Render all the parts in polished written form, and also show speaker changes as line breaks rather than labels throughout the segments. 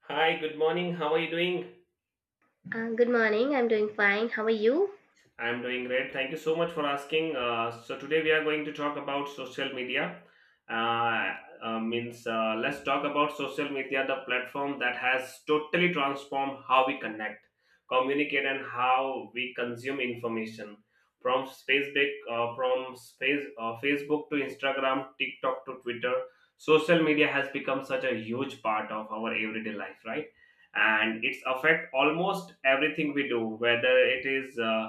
Hi, good morning. How are you doing?
Good morning. I'm doing fine. How are you?
I'm doing great. Thank you so much for asking. So today we are going to talk about social media. Uh, means Let's talk about social media, the platform that has totally transformed how we connect, communicate, and how we consume information. From Facebook to Instagram, TikTok to Twitter, social media has become such a huge part of our everyday life, right? And it's affect almost everything we do, whether it is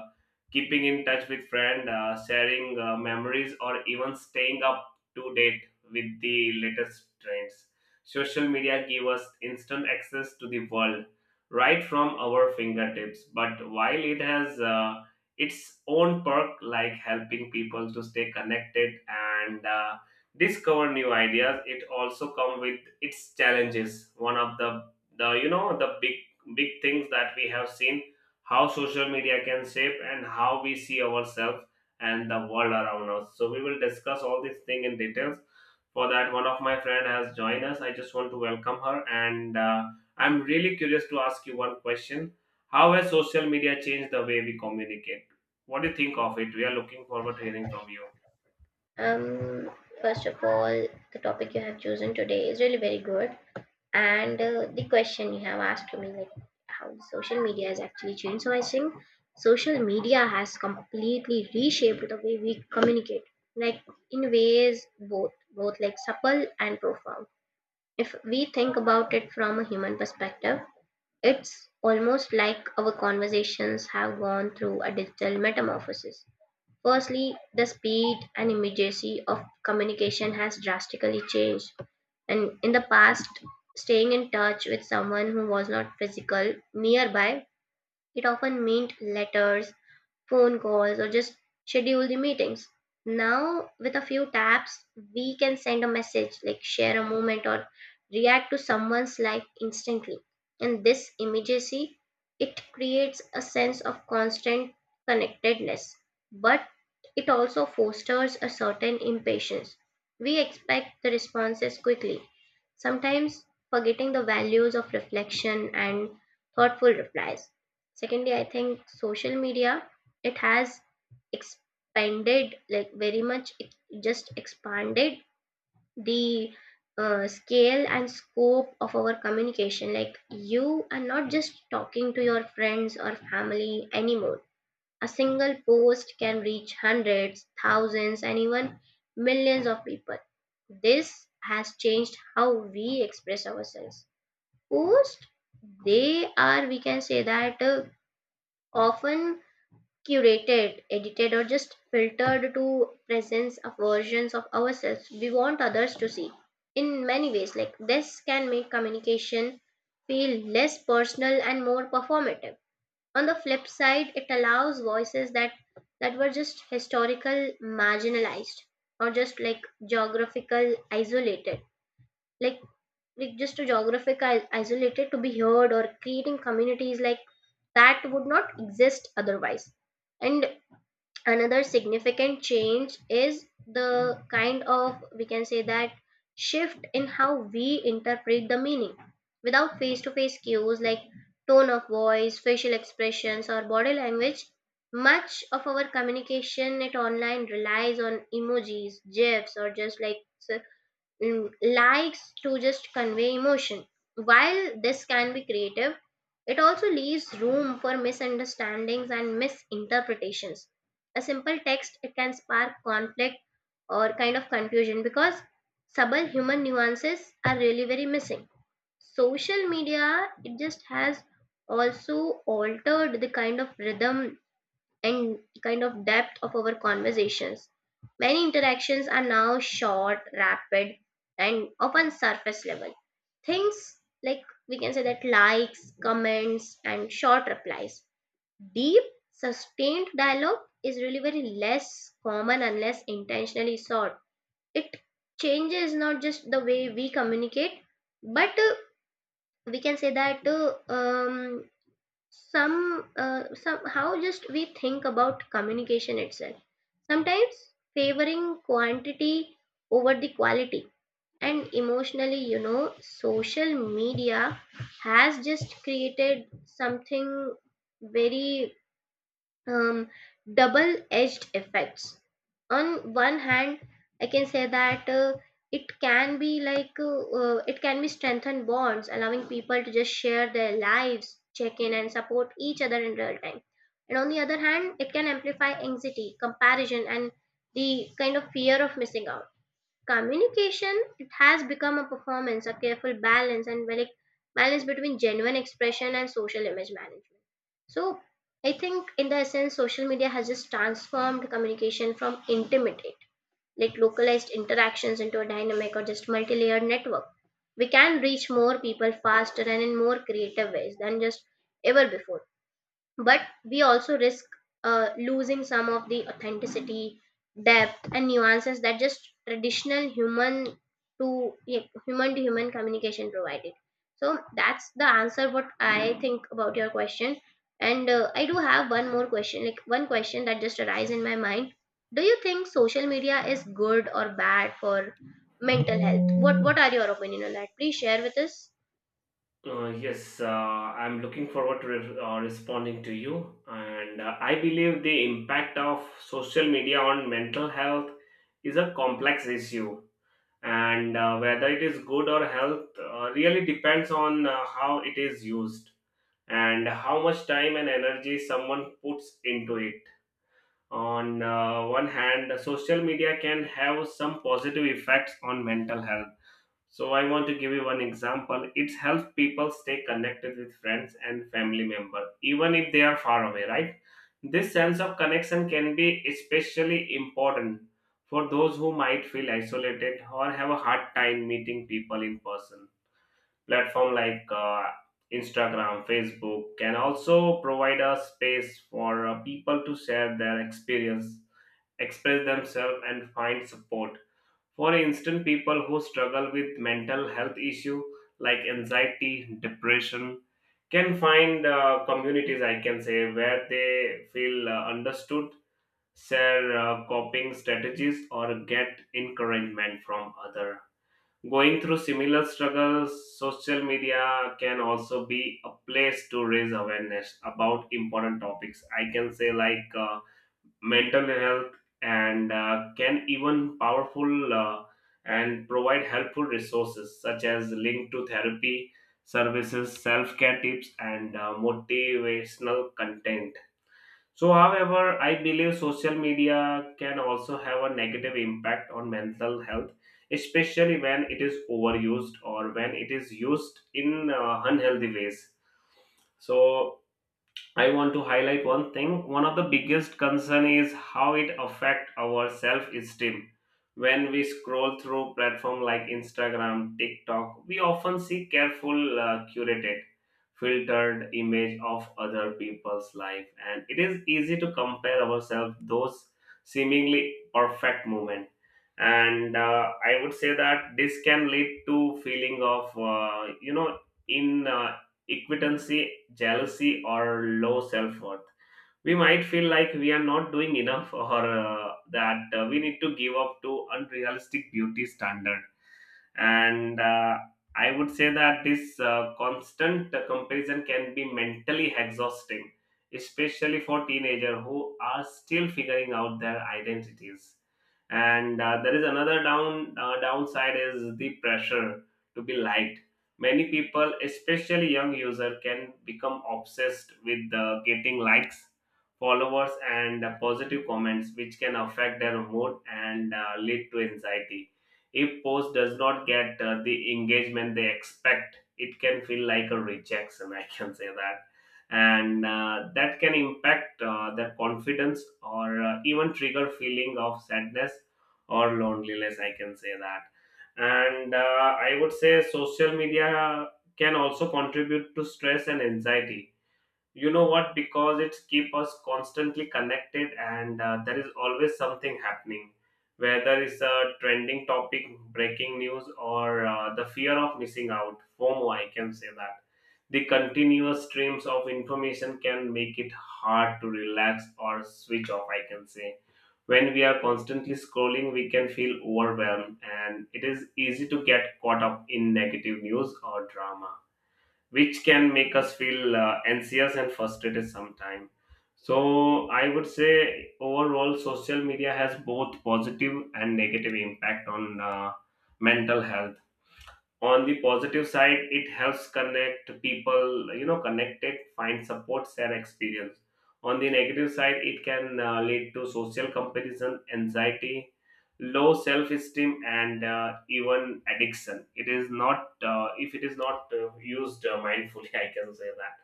keeping in touch with friends, sharing memories, or even staying up to date with the latest trends. Social media give us instant access to the world right from our fingertips. But while it has its own perk, like helping people to stay connected and discover new ideas, it also come with its challenges. One of the you know the big big things that we have seen how social media can shape and how we see ourselves and the world around us. So we will discuss all these things in details. For that, one of my friend has joined us. I just want to welcome her, and I'm really curious to ask you one question: How has social media changed the way we communicate? What do you think of it? We are looking forward to hearing from you.
Um, First of all, the topic you have chosen today is really very good, and the question you have asked to me, like how social media has actually changed. So I think social media has completely reshaped the way we communicate, like in ways both like supple and profound. If we think about it from a human perspective, it's almost like our conversations have gone through a digital metamorphosis. Firstly, the speed and immediacy of communication has drastically changed. And in the past, staying in touch with someone who was not physical nearby, it often meant letters, phone calls or just schedule the meetings. Now, with a few taps, we can send a message, like share a moment or react to someone's life instantly. And this immediacy, it creates a sense of constant connectedness, but it also fosters a certain impatience. We expect the responses quickly, sometimes forgetting the values of reflection and thoughtful replies. Secondly, I think social media it has expanded like very much it just expanded the scale and scope of our communication, like you are not just talking to your friends or family anymore. A single post can reach hundreds, thousands, and even millions of people. This has changed how we express ourselves. Post, they are, we can say that, often curated, edited, or just filtered to presence of versions of ourselves we want others to see. In many ways, like this can make communication feel less personal and more performative. On the flip side, it allows voices that were just historical marginalized or just like geographical isolated. Like like just to geographical isolated to be heard, or creating communities like that would not exist otherwise. And another significant change is the kind of, we can say that, shift in how we interpret the meaning, without face to face cues like tone of voice, facial expressions, or body language. Much of our communication at online relies on emojis, gifs, or just like s- likes to just convey emotion. While this can be creative, it also leaves room for misunderstandings and misinterpretations. A simple text it can spark conflict or kind of confusion because subtle human nuances are really very missing. Social media it just has also altered the kind of rhythm and kind of depth of our conversations. Many interactions are now short, rapid, and often surface level. Things, like, we can say that, likes, comments, and short replies. Deep, sustained dialogue is really very less common unless intentionally sought. It changes not just the way we communicate, but we can say that some somehow just we think about communication itself, sometimes favoring quantity over the quality. And emotionally, social media has just created something very um, double edged effects. On one hand, I can say that it can be strengthen bonds, allowing people to just share their lives, check in, and support each other in real time. And on the other hand, it can amplify anxiety, comparison, and the kind of fear of missing out. Communication, it has become a performance, a careful balance and well balance between genuine expression and social image management. So I think, in the essence, social media has just transformed communication from intimate, like localized interactions, into a dynamic or just multi-layered network. We can reach more people faster and in more creative ways than just ever before, but we also risk losing some of the authenticity, depth, and nuances that just traditional human to yeah, human to human communication provided. So that's the answer what I think about your question. And I do have one more question, like one question that just arises in my mind. Do you think social media is good or bad for mental health? What are your opinion on that? Please share with us.
Yes, I'm looking forward to responding to you. And I believe the impact of social media on mental health is a complex issue. And whether it is good or health really depends on how it is used and how much time and energy someone puts into it. On one hand, social media can have some positive effects on mental health, so I want to give you one example. It helps people stay connected with friends and family members, even if they are far away, right? This sense of connection can be especially important for those who might feel isolated or have a hard time meeting people in person. Platform like Instagram, Facebook can also provide a space for people to share their experience, express themselves, and find support. For instance, people who struggle with mental health issue like anxiety, depression, can find communities, I can say, where they feel understood, share coping strategies, or get encouragement from other. Going through similar struggles, social media can also be a place to raise awareness about important topics. I can say, like, mental health, and can even powerful, and provide helpful resources such as link to therapy services, self-care tips, and motivational content. So however, I believe social media can also have a negative impact on mental health, especially when it is overused or when it is used in unhealthy ways. So I want to highlight one thing. One of the biggest concern is how it affect our self-esteem. When we scroll through platform like Instagram, TikTok, we often see curated, filtered image of other people's life, and it is easy to compare ourselves those seemingly perfect moment. And I would say that this can lead to feeling of you know in equitancy, jealousy, or low self worth. We might feel like we are not doing enough, or that we need to give up to unrealistic beauty standards. And uh, i would say that this constant comparison can be mentally exhausting, especially for teenagers who are still figuring out their identities. And There is another downside is the pressure to be liked. Many people, especially young user, can become obsessed with getting likes, followers, and positive comments, which can affect their mood and lead to anxiety. If post does not get the engagement they expect, it can feel like a rejection. I can say that, and that can impact their confidence, or even trigger feeling of sadness or loneliness. I can say that, and I would say social media can also contribute to stress and anxiety, you know what, because it keep us constantly connected, and there is always something happening, whether it's a trending topic, breaking news, or the fear of missing out, fomo, I can say that. The continuous streams of information can make it hard to relax or switch off, I can say. When we are constantly scrolling, we can feel overwhelmed, and it is easy to get caught up in negative news or drama, which can make us feel anxious and frustrated sometimes. So I would say overall, social media has both positive and negative impact on mental health. On the positive side, it helps connect people, you know, connected, find support, share experience. On the negative side, it can lead to social comparison, anxiety, low self esteem, and even addiction, it is not if it is not used mindfully. I can say that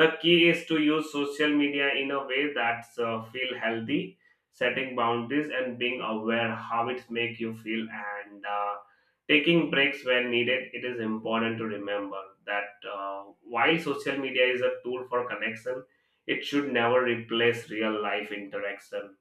the key is to use social media in a way that feel healthy, setting boundaries and being aware how it make you feel, and taking breaks when needed. It is important to remember that while social media is a tool for connection, it should never replace real life interaction.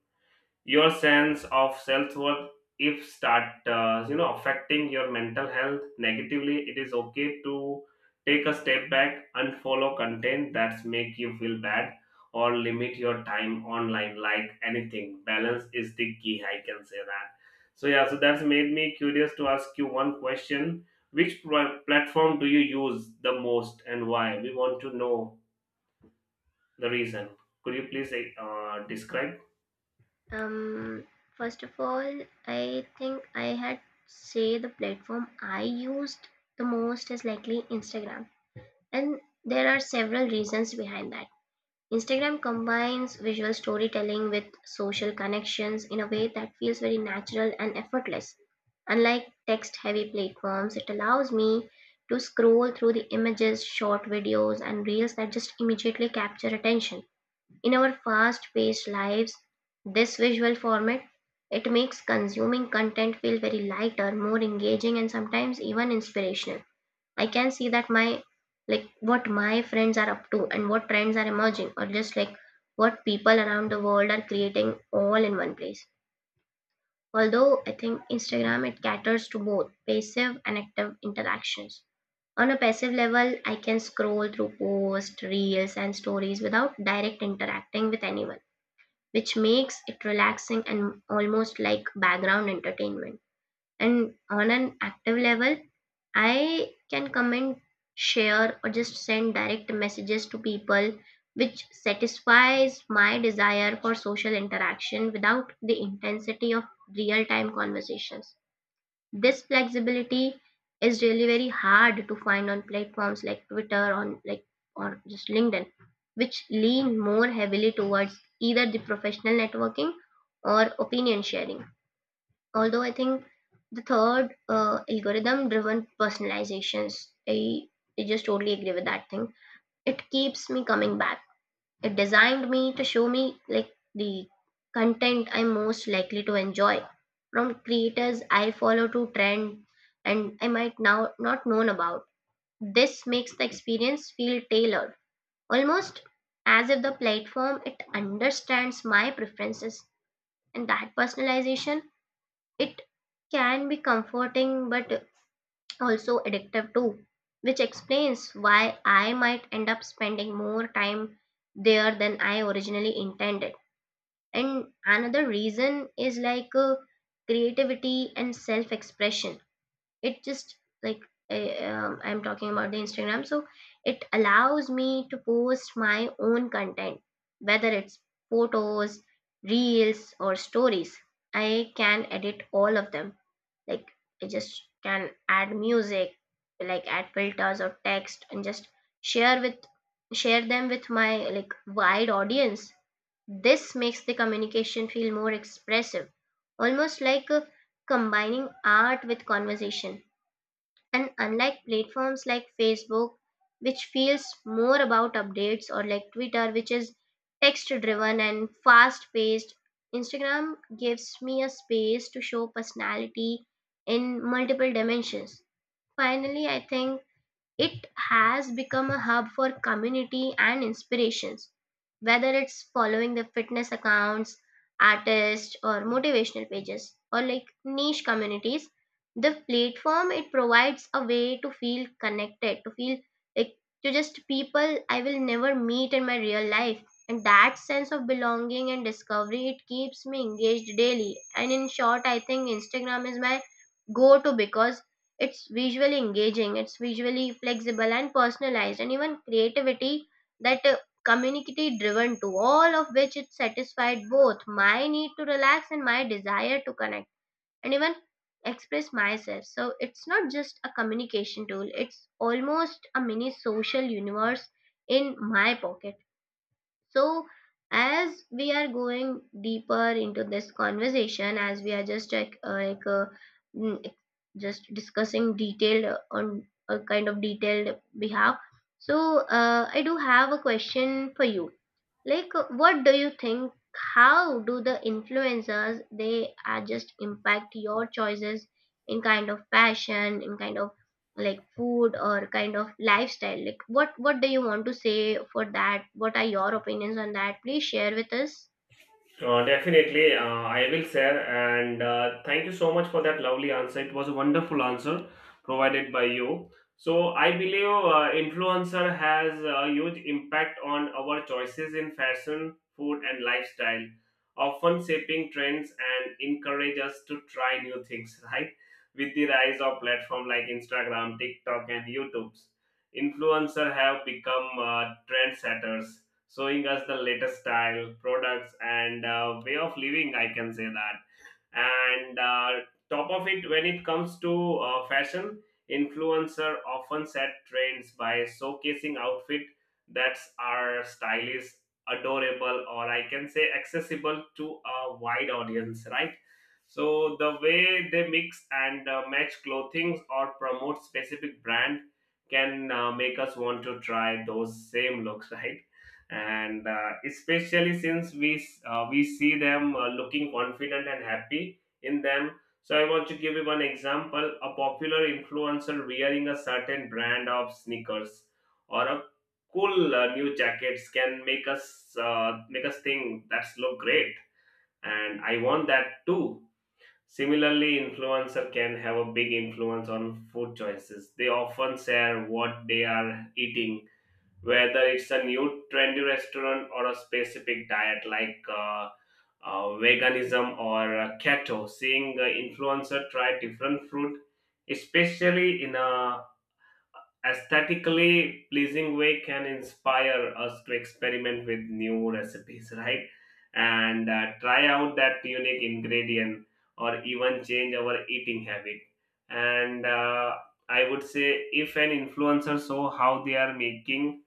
Your sense of self-worth, if start affecting your mental health negatively, it is okay to take a step back, unfollow content that's make you feel bad, or limit your time online. Like anything, balance is the key, I can say that. So yeah, so that's made me curious to ask you one question: which platform do you use the most and why? We want to know the reason. Could you please describe?
Um, First of all, I think I had say the platform I used the most is likely Instagram. And there are several reasons behind that. Instagram combines visual storytelling with social connections in a way that feels very natural and effortless. Unlike text heavy platforms, it allows me to scroll through the images, short videos, and reels that just immediately capture attention. In our fast-paced lives, this visual format it makes consuming content feel very lighter, more engaging, and sometimes even inspirational. I can see that my, like, what my friends are up to and what trends are emerging, or just like what people around the world are creating, all in one place. Although I think Instagram it caters to both passive and active interactions. On a passive level, I can scroll through posts, reels, and stories without direct interacting with anyone, which makes it relaxing and almost like background entertainment. And on an active level, I can comment, share, or just send direct messages to people, which satisfies my desire for social interaction without the intensity of real time conversations. This flexibility is really very hard to find on platforms like Twitter on like, or just LinkedIn, which lean more heavily towards either the professional networking or opinion sharing. Although I think the third algorithm driven personalizations, I just totally agree with that thing. It keeps me coming back. It designed me to show me, like, the content I'm most likely to enjoy, from creators I follow to trend and I might now not known about. This makes the experience feel tailored, almost as if the platform it understands my preferences, and that personalization it can be comforting but also addictive too, which explains why I might end up spending more time there than I originally intended. And another reason is like creativity and self expression. It just, like, I'm talking about the Instagram, so it allows me to post my own content, whether it's photos, reels, or stories. I can edit all of them. Like, I just can add music, like add filters or text, and just share with share them with my like wide audience. This makes the communication feel more expressive, almost like combining art with conversation. And unlike platforms like Facebook, which feels more about updates, or like Twitter, which is text driven and fast paced, Instagram gives me a space to show personality in multiple dimensions. Finally, I think it has become a hub for community and inspirations, whether it's following the fitness accounts, artists, or motivational pages, or like niche communities. The platform it provides a way to feel connected, to feel like to just people I will never meet in my real life. And that sense of belonging and discovery it keeps me engaged daily. And in short, I think Instagram is my go to because it's visually engaging, it's visually flexible and personalized, and even creativity that community driven to, all of which it satisfied both my need to relax and my desire to connect and even express myself. So it's not just a communication tool, it's almost a mini social universe in my pocket. So, as we are going deeper into this conversation, as we are just like mm, just discussing detailed on a kind of detailed behalf, so I do have a question for you. Like, what do you think? How do the influencers they are just impact your choices in kind of fashion, in kind of like food, or kind of lifestyle? Like what do you want to say for that? What are your opinions on that? Please share with us.
Definitely, I will share. And thank you so much for that lovely answer. It was a wonderful answer provided by you. So I believe influencer has a huge impact on our choices in fashion, food, and lifestyle, often shaping trends and encourage us to try new things. Right? With the rise of platform like Instagram, TikTok, and YouTube's, influencer have become trendsetters, showing us the latest style, products, and way of living. I can say that. And Top of it, when it comes to fashion, influencer often set trends by showcasing outfit that are stylish, adorable, or I can say accessible to a wide audience. Right. So the way they mix and match clothing or promote specific brand can make us want to try those same looks, right? And especially since we see them looking confident and happy in them. So I want to give you one example: a popular influencer wearing a certain brand of sneakers or a cool new jackets can make us think that's look great and I want that too. Similarly, influencer can have a big influence on food choices. They often share what they are eating, whether it's a new trendy restaurant or a specific diet like veganism or keto. Seeing the influencer try different food, especially in a aesthetically pleasing way, can inspire us to experiment with new recipes, right? And try out that unique ingredient or even change our eating habit. And I would say if an influencer saw how they are making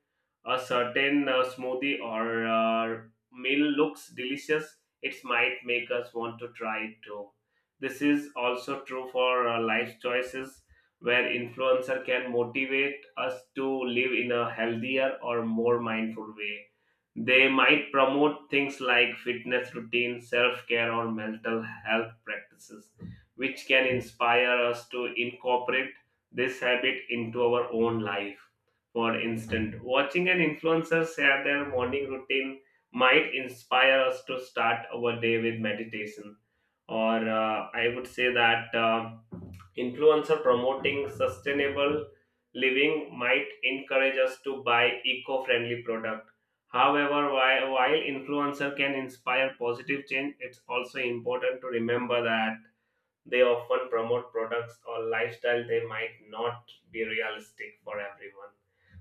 a certain smoothie or meal looks delicious, it might make us want to try it too. This is also true for life choices, where influencer can motivate us to live in a healthier or more mindful way. They might promote things like fitness routines, self care, or mental health practices, which can inspire us to incorporate this habit into our own life. For instance, watching an influencer share their morning routine might inspire us to start our day with meditation. Or I would say that. Influencer promoting sustainable living might encourage us to buy eco-friendly product. However, while influencer can inspire positive change, it's also important to remember that they often promote products or lifestyle they might not be realistic for everyone.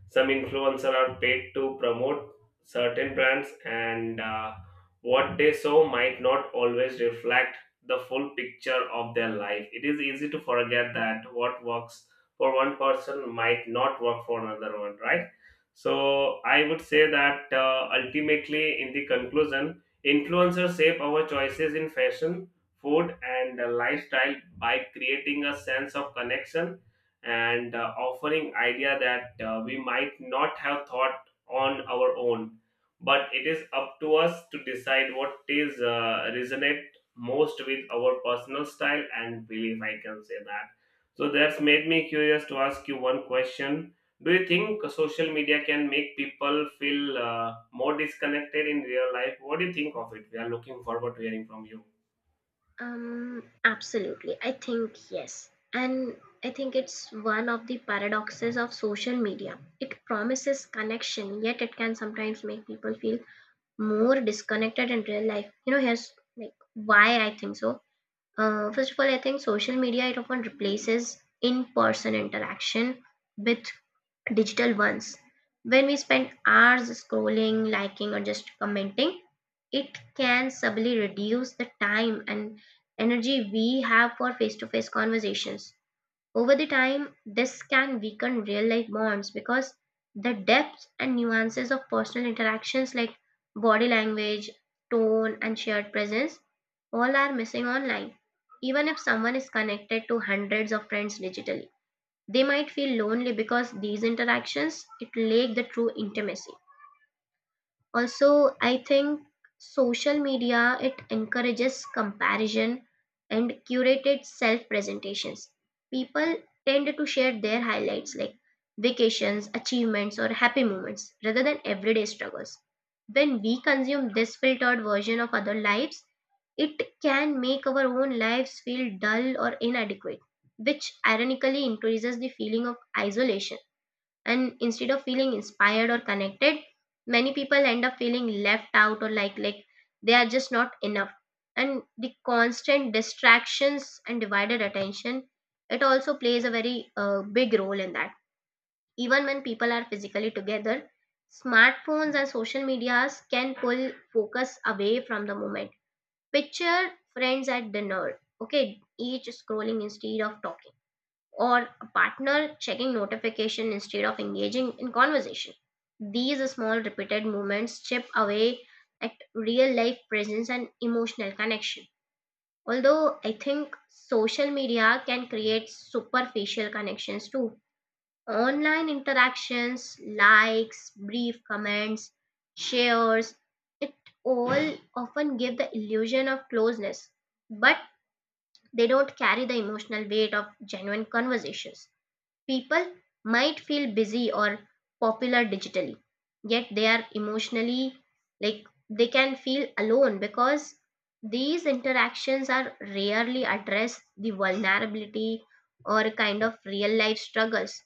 Some influencers are paid to promote certain brands, and what they show might not always reflect the full picture of their life. It is easy to forget that what works for one person might not work for another one, right? So, I would say that ultimately, in the conclusion, influencers shape our choices in fashion, food, and lifestyle by creating a sense of connection and offering idea that we might not have thought on our own, but it is up to us to decide what is resonate most with our personal style and belief, I can say that. So that's made me curious to ask you one question: do you think social media can make people feel more disconnected in real life? What do you think of it? We are looking forward to hearing from you.
Absolutely. I think yes. And I think it's one of the paradoxes of social media. It promises connection, yet it can sometimes make people feel more disconnected in real life. You know, here's, like, why I think so. First of all, I think social media it often replaces in-person interaction with digital ones. When we spend hours scrolling, liking, or just commenting, it can subtly reduce the time and energy we have for face to face conversations. Over the time, this can weaken real life bonds because the depth and nuances of personal interactions, like body language, tone, and shared presence, all are missing online. Even if someone is connected to hundreds of friends digitally, they might feel lonely because these interactions it lack the true intimacy. Also, I think social media it encourages comparison and curated self-presentations. People tend to share their highlights like vacations, achievements or happy moments rather than everyday struggles. When we consume this filtered version of other lives, it can make our own lives feel dull or inadequate, which ironically increases the feeling of isolation. And instead of feeling inspired or connected, many people end up feeling left out or like they are just not enough. And the constant distractions and divided attention, it also plays a very big role in that. Even when people are physically together, smartphones and social medias can pull focus away from the moment. Picture friends at dinner, okay, each scrolling instead of talking, or a partner checking notification instead of engaging in conversation. These small repeated movements chip away at real life presence and emotional connection. Although I think social media can create superficial connections too. Online interactions, likes, brief comments, shares, it all often give the illusion of closeness, but they don't carry the emotional weight of genuine conversations. People might feel busy or popular digitally, yet they are emotionally, like, they can feel alone because these interactions are rarely address the vulnerability or kind of real life struggles.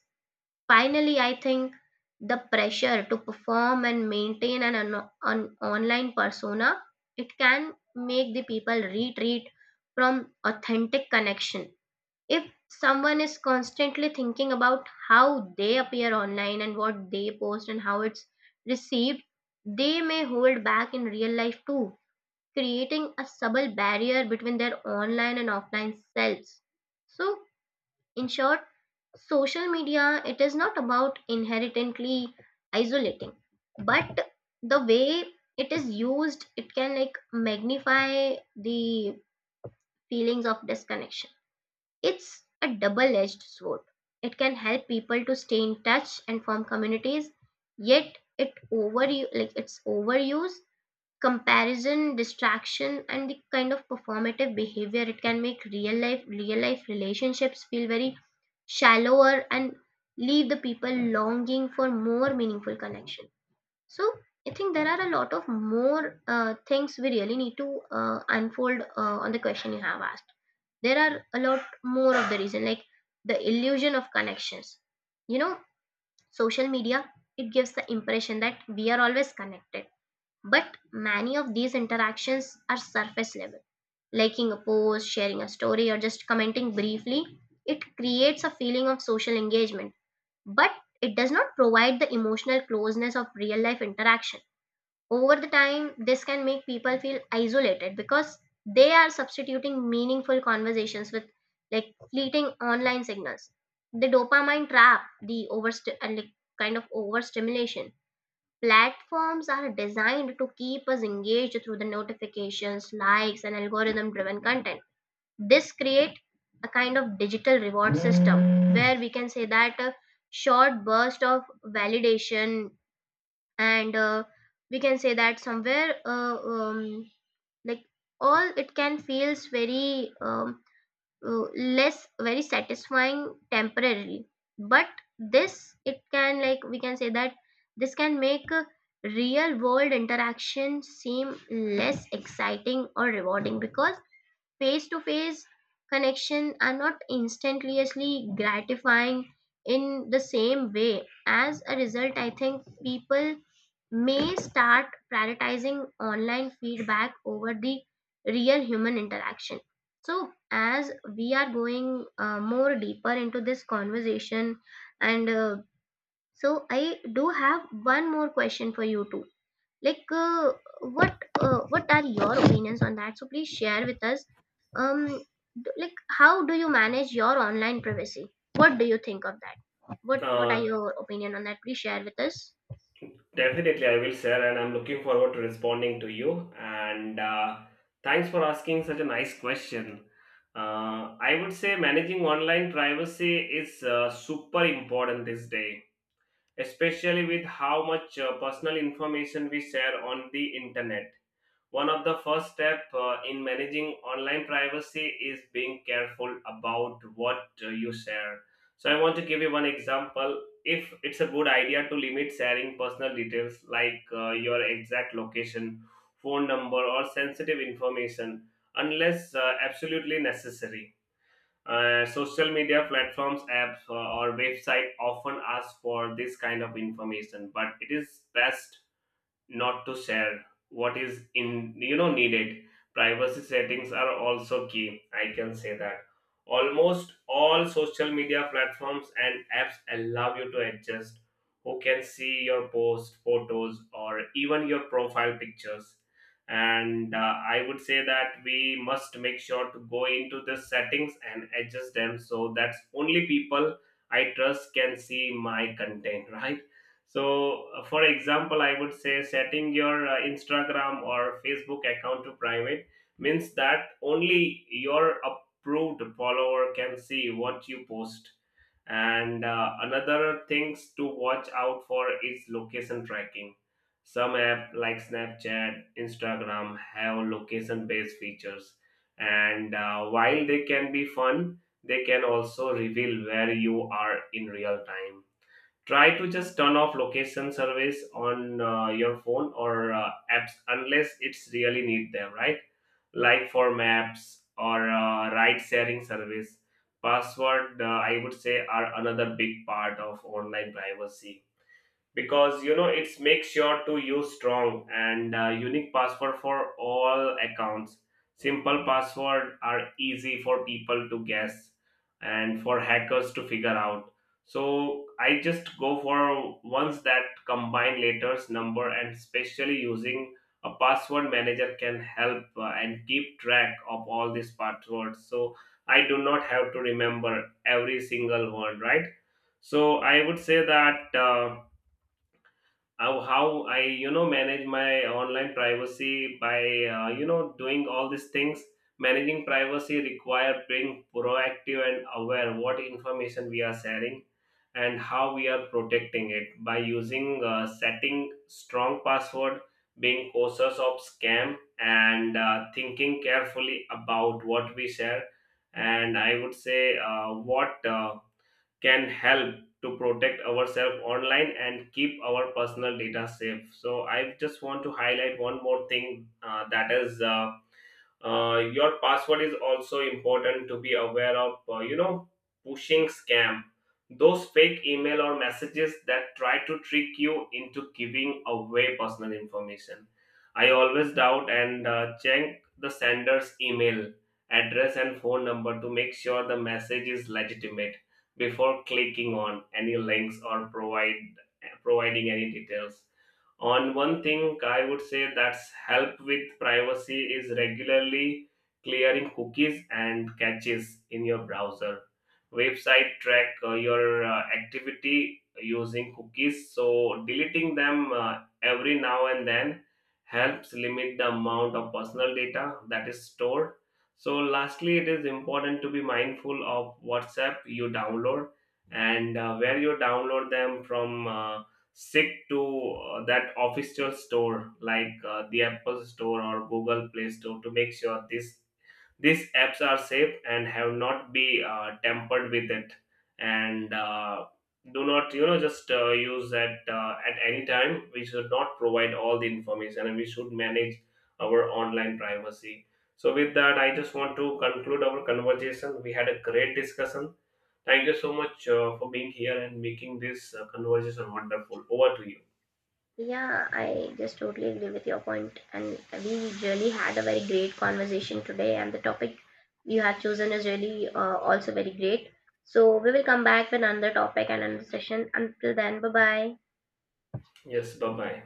Finally, I think the pressure to perform and maintain an online persona, it can make the people retreat from authentic connection. If someone is constantly thinking about how they appear online and what they post and how it's received, they may hold back in real life too, creating a subtle barrier between their online and offline selves. So, in short, social media it is not about inherently isolating, but the way it is used, it can like magnify the feelings of disconnection. It's a double edged sword. It can help people to stay in touch and form communities, yet it over like its overuse, comparison, distraction, and the kind of performative behavior it can make real life relationships feel very shallower and leave the people longing for more meaningful connection. So I think there are a lot of more things we really need to unfold on the question you have asked. There are a lot more of the reason, like the illusion of connections, you know, social media, it gives the impression that we are always connected, but many of these interactions are surface level. Liking a post, sharing a story, or just commenting briefly, it creates a feeling of social engagement, but it does not provide the emotional closeness of real life interaction. Over the time, this can make people feel isolated because they are substituting meaningful conversations with like fleeting online signals. The dopamine trap, the overst- and like kind of overstimulation. Platforms are designed to keep us engaged through the notifications, likes, and algorithm driven content. This create a kind of digital reward system, where we can say that a short burst of validation and we can say that somewhere like all it can feels very less very satisfying temporarily. But this, it can like we can say that this can make real world interaction seem less exciting or rewarding because face to face connection are not instantaneously gratifying in the same way. As a result, I think people may start prioritizing online feedback over the real human interaction. So, as we are going more deeper into this conversation, and so I do have one more question for you too, like what what are your opinions on that, so please share with us. um like, how do you manage your online privacy? What do you think of that? What are
uh,
your opinion on that? Please share with us.
Definitely, I will share, and I'm looking forward to responding to you. And thanks for asking such a nice question. I would say managing online privacy is super important this day, especially with how much personal information we share on the internet. One of the first steps in managing online privacy is being careful about what you share. So, I want to give you one example. If it's a good idea to limit sharing personal details like your exact location, phone number, or sensitive information unless absolutely necessary. Social media platforms, apps, or website often ask for this kind of information, but it is best not to share what is in, you know, needed. Privacy settings are also key, I can say that. Almost all social media platforms and apps allow you to adjust who can see your post photos or even your profile pictures, and I would say that we must make sure to go into the settings and adjust them so that only people I trust can see my content. Right, so, for example, I would say setting your Instagram or Facebook account to private means that only your approved follower can see what you post. And another things to watch out for is location tracking. Some app like Snapchat, Instagram have location-based features, and while they can be fun, they can also reveal where you are in real time. Try to just turn off location service on your phone or apps unless it's really need them, right? Like for maps or ride sharing service. Password, I would say are another big part of online privacy, because, you know, it's make sure to use strong and unique password for all accounts. Simple password are easy for people to guess and for hackers to figure out. So I just go for ones that combine letters number, and especially using a password manager can help and keep track of all these passwords, so I do not have to remember every single one, right? So I would say that how I, you know, manage my online privacy by you know, doing all these things. Managing privacy require being proactive and aware what information we are sharing and how we are protecting it by using setting strong password, being cautious of scam and thinking carefully about what we share. And I would say what can help to protect ourselves online and keep our personal data safe. So I just want to highlight one more thing that is. Your password is also important to be aware of. You know, pushing scam, those fake email or messages that try to trick you into giving away personal information. I always doubt and check the sender's email address and phone number to make sure the message is legitimate before clicking on any links or provide providing any details. On one thing I would say that's help with privacy is regularly clearing cookies and caches in your browser. Website track your activity using cookies, so deleting them every now and then helps limit the amount of personal data that is stored. So lastly, it is important to be mindful of whatsapp you download and where you download them from. Stick to that official store like the apple store or google play store to make sure this these apps are safe and have not be tampered with it. And do not, you know, just use that at any time. We should not provide all the information, and we should manage our online privacy. So with that, I just want to conclude our conversation. We had a great discussion. Thank you so much for being here and making this conversation wonderful. Over to you.
Yeah, I just totally agree with your point, and we really had a very great conversation today, and the topic you have chosen is really also very great. So we will come back with another topic and another session. Until then, bye bye.
Yes, bye bye.